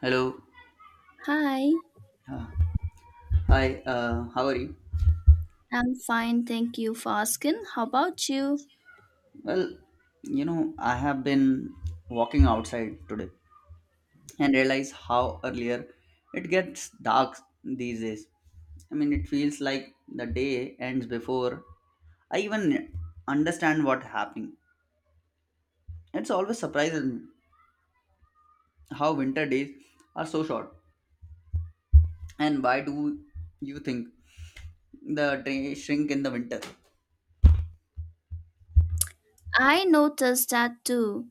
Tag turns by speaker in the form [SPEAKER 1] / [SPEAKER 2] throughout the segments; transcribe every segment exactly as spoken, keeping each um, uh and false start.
[SPEAKER 1] Hello.
[SPEAKER 2] Hi,
[SPEAKER 1] Uh, Hi. Uh, how are you?
[SPEAKER 2] I'm fine, thank you for asking. How about you?
[SPEAKER 1] Well, you know, I have been walking outside today and realize how earlier it gets dark these days. I mean, it feels like the day ends before I even understand what happening. It's always surprising how winter days are so short. And why do you think the day shrink in the winter?
[SPEAKER 2] I noticed that too.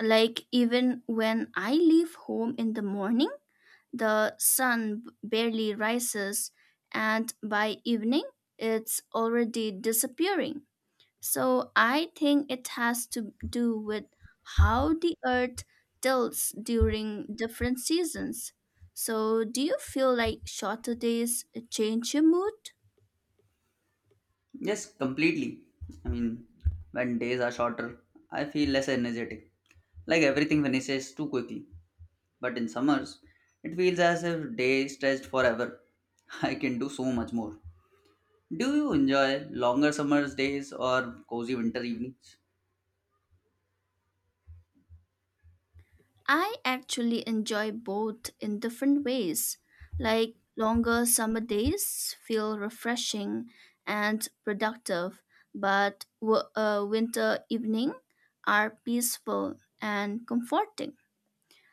[SPEAKER 2] Like, even when I leave home in the morning, the sun b- barely rises, and by evening, it's already disappearing. So I think it has to do with how the earth tilts during different seasons. So, do you feel like shorter days change your mood?
[SPEAKER 1] Yes, completely. I mean, when days are shorter, I feel less energetic. Like everything finishes too quickly. But in summers, it feels as if day stretched forever. I can do so much more. Do you enjoy longer summers days or cozy winter evenings?
[SPEAKER 2] I actually enjoy both in different ways. Like longer summer days feel refreshing and productive, but w- uh, winter evening are peaceful and comforting.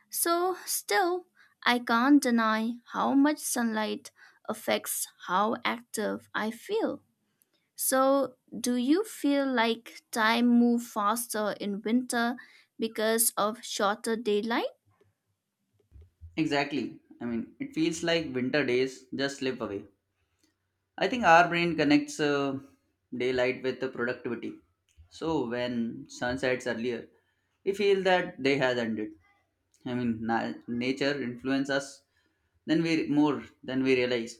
[SPEAKER 2] So still, I can't deny how much sunlight affects how active I feel. So, do you feel like time move faster in winter because of shorter daylight?
[SPEAKER 1] Exactly. I mean, it feels like winter days just slip away. I think our brain connects uh, daylight with the productivity. So when sun sets earlier, we feel that day has ended. I mean, na- nature influences us then we more than we realize.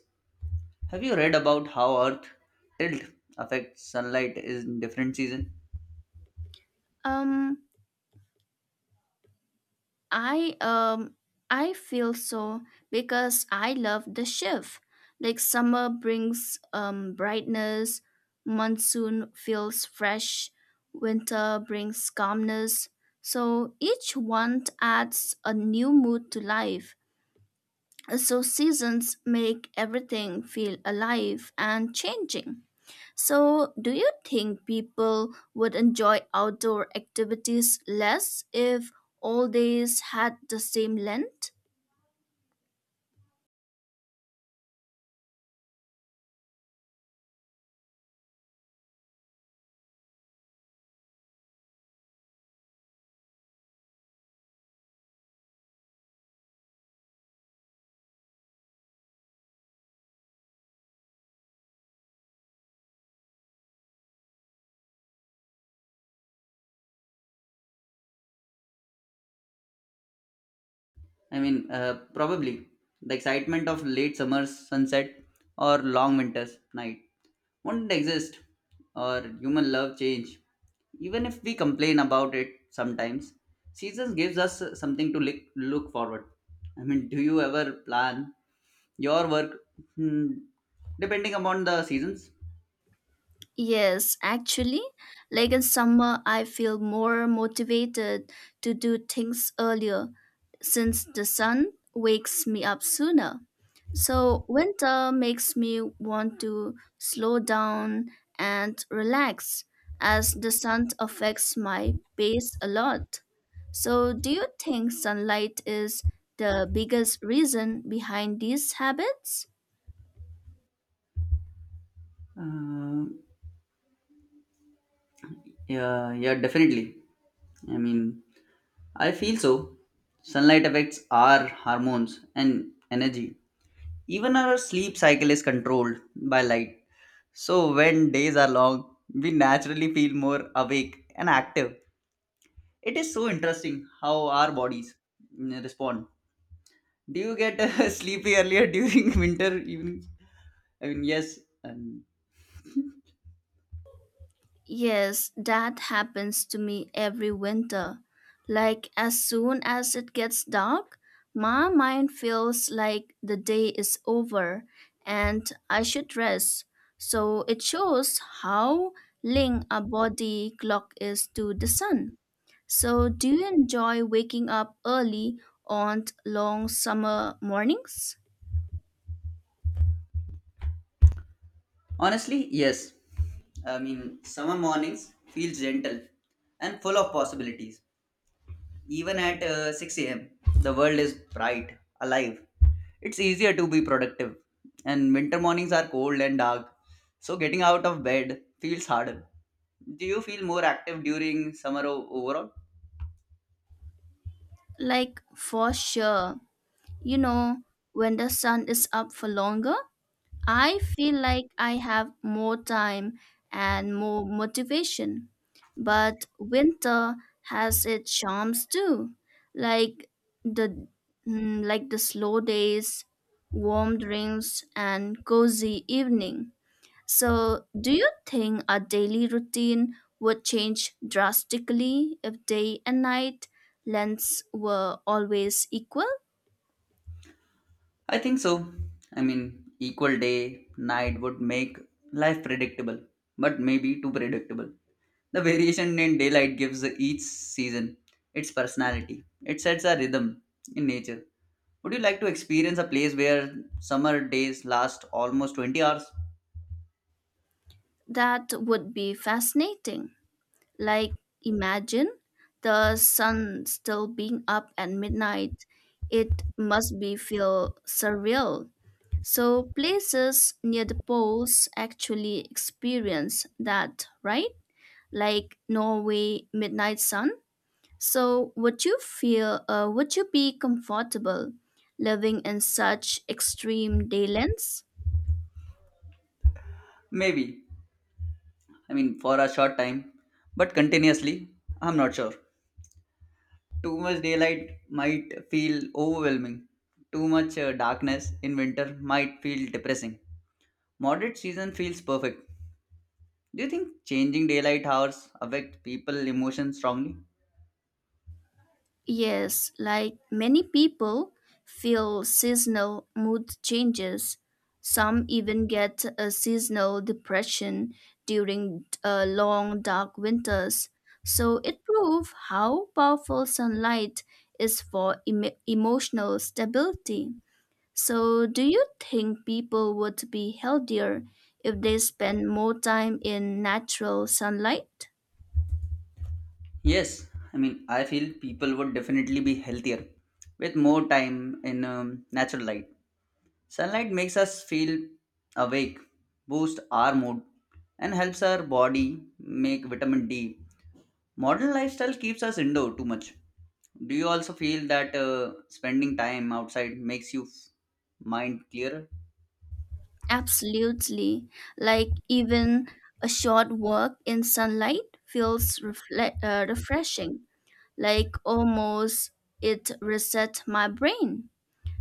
[SPEAKER 1] Have you read about how Earth tilt affects sunlight in different season?
[SPEAKER 2] Um, I um I feel so because I love the shift. Like summer brings um brightness, monsoon feels fresh, winter brings calmness. So each one adds a new mood to life. So seasons make everything feel alive and changing. So, do you think people would enjoy outdoor activities less if all days had the same length?
[SPEAKER 1] I mean, uh, probably the excitement of late summer's sunset or long winter's night wouldn't exist, or human love change. Even if we complain about it sometimes, seasons gives us something to look look forward. I mean, do you ever plan your work, hmm, depending upon the seasons.
[SPEAKER 2] Yes, actually. Like in summer, I feel more motivated to do things earlier since the sun wakes me up sooner. So, winter makes me want to slow down and relax as the sun affects my pace a lot. So, do you think sunlight is the biggest reason behind these habits?
[SPEAKER 1] Uh, yeah, yeah, definitely. I mean, I feel so. Sunlight affects our hormones and energy. Even our sleep cycle is controlled by light. So when days are long, we naturally feel more awake and active. It is so interesting how our bodies mm, respond. Do you get sleepy earlier during winter evenings? I mean, yes. Um,
[SPEAKER 2] Yes, that happens to me every winter. Like, as soon as it gets dark, my mind feels like the day is over and I should rest. So it shows how linked our body clock is to the sun. So, do you enjoy waking up early on long summer mornings?
[SPEAKER 1] honestly, yes. I mean, summer mornings feel gentle and full of possibilities. Even at uh, six a m, the world is bright, alive. It's easier to be productive, and winter mornings are cold and dark, so getting out of bed feels harder. Do you feel more active during summer o- overall?
[SPEAKER 2] Like, for sure. You know, when the sun is up for longer, I feel like I have more time and more motivation. But winter has its charms too. Like the mm, like the slow days, warm drinks and cozy evening. So, do you think our daily routine would change drastically if day and night lengths were always equal?
[SPEAKER 1] I think so. I mean, equal day, night would make life predictable, but maybe too predictable. The variation in daylight gives each season its personality, it sets a rhythm in nature. Would you like to experience a place where summer days last almost twenty hours?
[SPEAKER 2] That would be fascinating. Like, imagine the sun still being up at midnight. It must be feel surreal. So, places near the poles actually experience that, right? Like Norway midnight sun. So, would you feel, uh, would you be comfortable living in such extreme day lengths?
[SPEAKER 1] Maybe. I mean, for a short time, but continuously, I'm not sure. Too much daylight might feel overwhelming. Too much uh, darkness in winter might feel depressing. Moderate season feels perfect. Do you think changing daylight hours affect people emotions strongly?
[SPEAKER 2] Yes, like many people feel seasonal mood changes. Some even get a seasonal depression during uh, long dark winters. So it proves how powerful sunlight is for em emotional stability. So, do you think people would be healthier if they spend more time in natural sunlight?
[SPEAKER 1] Yes, I mean I feel people would definitely be healthier with more time in um, natural light. Sunlight makes us feel awake, boosts our mood, and helps our body make vitamin D. Modern lifestyle keeps us indoor too much. Do you also feel that uh, spending time outside makes you f- mind clearer?
[SPEAKER 2] Absolutely. Like, even a short walk in sunlight feels refle- uh, refreshing, like, almost it resets my brain.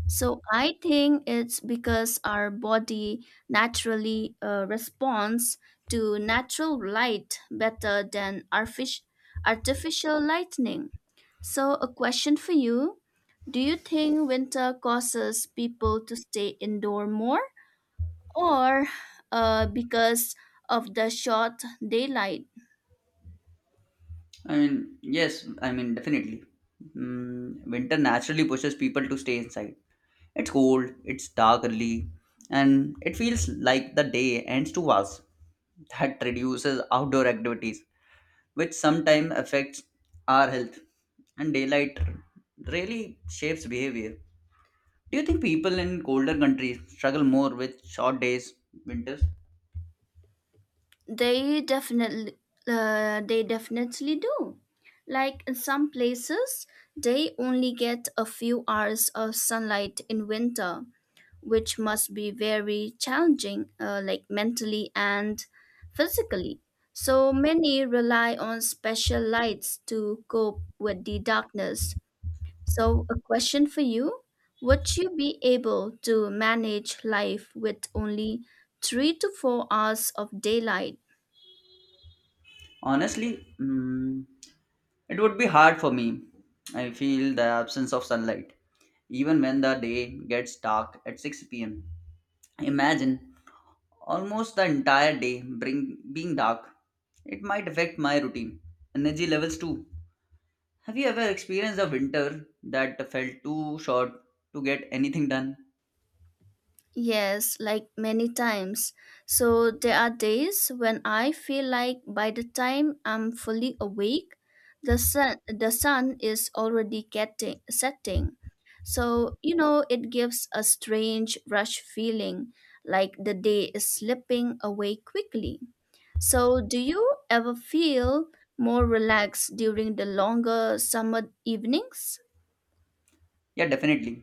[SPEAKER 2] So I think it's because our body naturally uh, responds to natural light better than artific- artificial lightning. So a question for you, do you think winter causes people to stay indoor more or uh, because of the short daylight?
[SPEAKER 1] I mean, yes, I mean, definitely. Mm, winter naturally pushes people to stay inside. It's cold, it's dark early, and it feels like the day ends too fast. That reduces outdoor activities, which sometimes affects our health. And daylight really shapes behavior. Do you think people in colder countries struggle more with short days, winters?
[SPEAKER 2] They definitely uh, they definitely do. Like in some places, they only get a few hours of sunlight in winter, which must be very challenging, uh, like mentally and physically. So many rely on special lights to cope with the darkness. So, a question for you. Would you be able to manage life with only three to four hours of daylight?
[SPEAKER 1] Honestly, mm, it would be hard for me. I feel the absence of sunlight, even when the day gets dark at six p m. Imagine almost the entire day bring, being dark. It might affect my routine, energy levels too. Have you ever experienced a winter that felt too short to get anything done?
[SPEAKER 2] Yes, like many times. So there are days when I feel like by the time I'm fully awake, the sun the sun is already getting setting. So, you know, it gives a strange rush feeling, like the day is slipping away quickly. So, do you ever feel more relaxed during the longer summer evenings?
[SPEAKER 1] Yeah, definitely.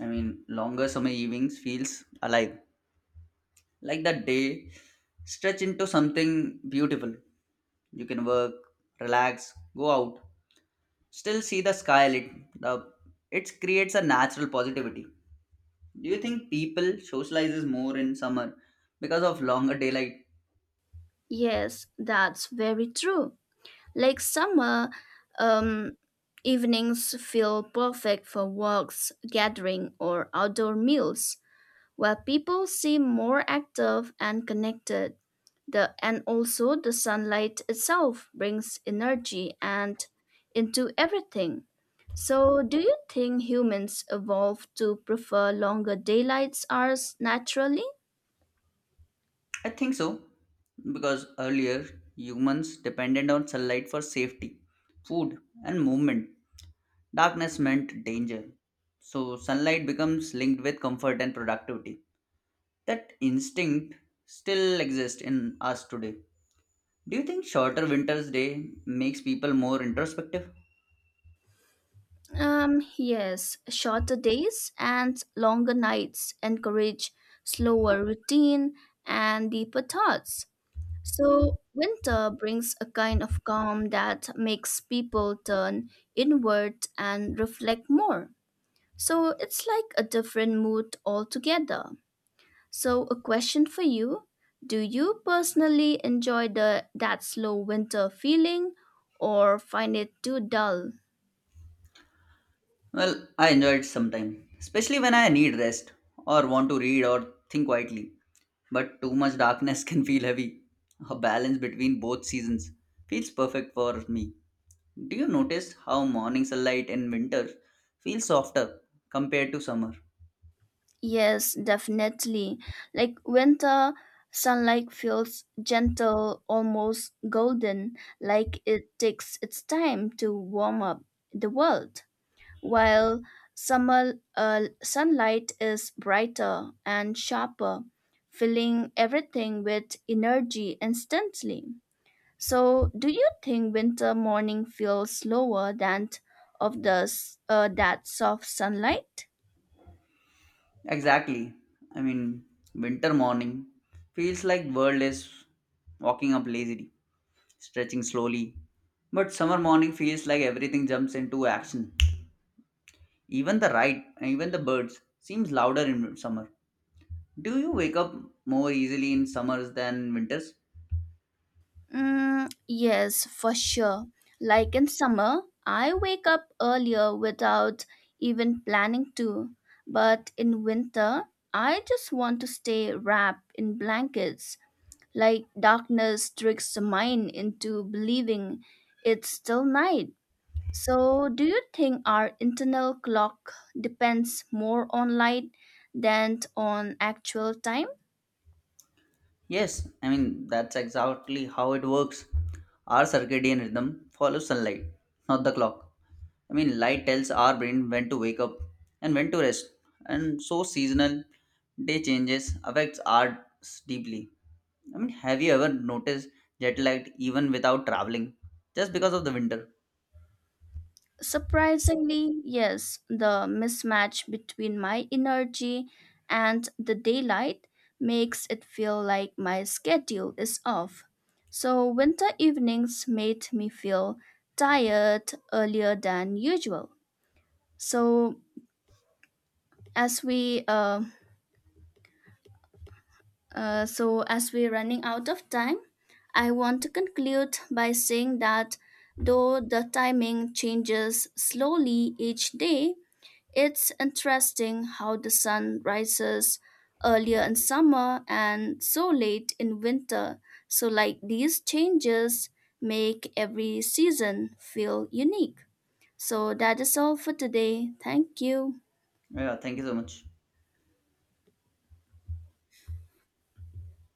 [SPEAKER 1] I mean, longer summer evenings feels alive. Like that day stretch into something beautiful, you can work, relax, go out, still see the sky lit, the, it creates a natural positivity. Do you think people socializes more in summer because of longer daylight?
[SPEAKER 2] Yes, that's very true. Late summer um, evenings feel perfect for walks, gathering, or outdoor meals, where people seem more active and connected. The, and also the sunlight itself brings energy and into everything. So, do you think humans evolved to prefer longer daylight hours naturally?
[SPEAKER 1] I think so, because earlier humans depended on sunlight for safety, food, and movement. Darkness meant danger, so sunlight becomes linked with comfort and productivity. That instinct still exists in us today. Do you think shorter winter's day makes people more introspective?
[SPEAKER 2] Um, yes, shorter days and longer nights encourage slower routine and deeper thoughts. So, winter brings a kind of calm that makes people turn inward and reflect more. So, it's like a different mood altogether. So, a question for you. Do you personally enjoy the, that slow winter feeling or find it too dull?
[SPEAKER 1] Well, I enjoy it sometimes, especially when I need rest or want to read or think quietly. But too much darkness can feel heavy. A balance between both seasons feels perfect for me. Do you notice how morning sunlight in winter feels softer compared to summer?
[SPEAKER 2] Yes, definitely. Like winter sunlight feels gentle, almost golden, like it takes its time to warm up the world, while summer uh, sunlight is brighter and sharper, filling everything with energy instantly. So, do you think winter morning feels slower than of the s- uh, that soft sunlight?
[SPEAKER 1] Exactly. I mean, winter morning feels like world is walking up lazily, stretching slowly. But summer morning feels like everything jumps into action. Even the ride, even the birds, seems louder in summer. Do you wake up more easily in summers than winters?
[SPEAKER 2] Mm, yes, for sure. Like in summer, I wake up earlier without even planning to. But in winter, I just want to stay wrapped in blankets. Like darkness tricks the mind into believing it's still night. So, do you think our internal clock depends more on light than on actual time?
[SPEAKER 1] Yes, I mean that's exactly how it works. Our circadian rhythm follows sunlight, not the clock. I mean, light tells our brain when to wake up and when to rest, and so seasonal day changes affects ours deeply. I mean, have you ever noticed jet lag even without traveling, just because of the winter?
[SPEAKER 2] Surprisingly, yes, the mismatch between my energy and the daylight makes it feel like my schedule is off. So, winter evenings made me feel tired earlier than usual. So, as we uh, uh, so as we're running out of time, I want to conclude by saying that though the timing changes slowly each day, it's interesting how the sun rises earlier in summer and so late in winter. So, like, these changes make every season feel unique. So, that is all for today. Thank you.
[SPEAKER 1] Yeah, thank you so much.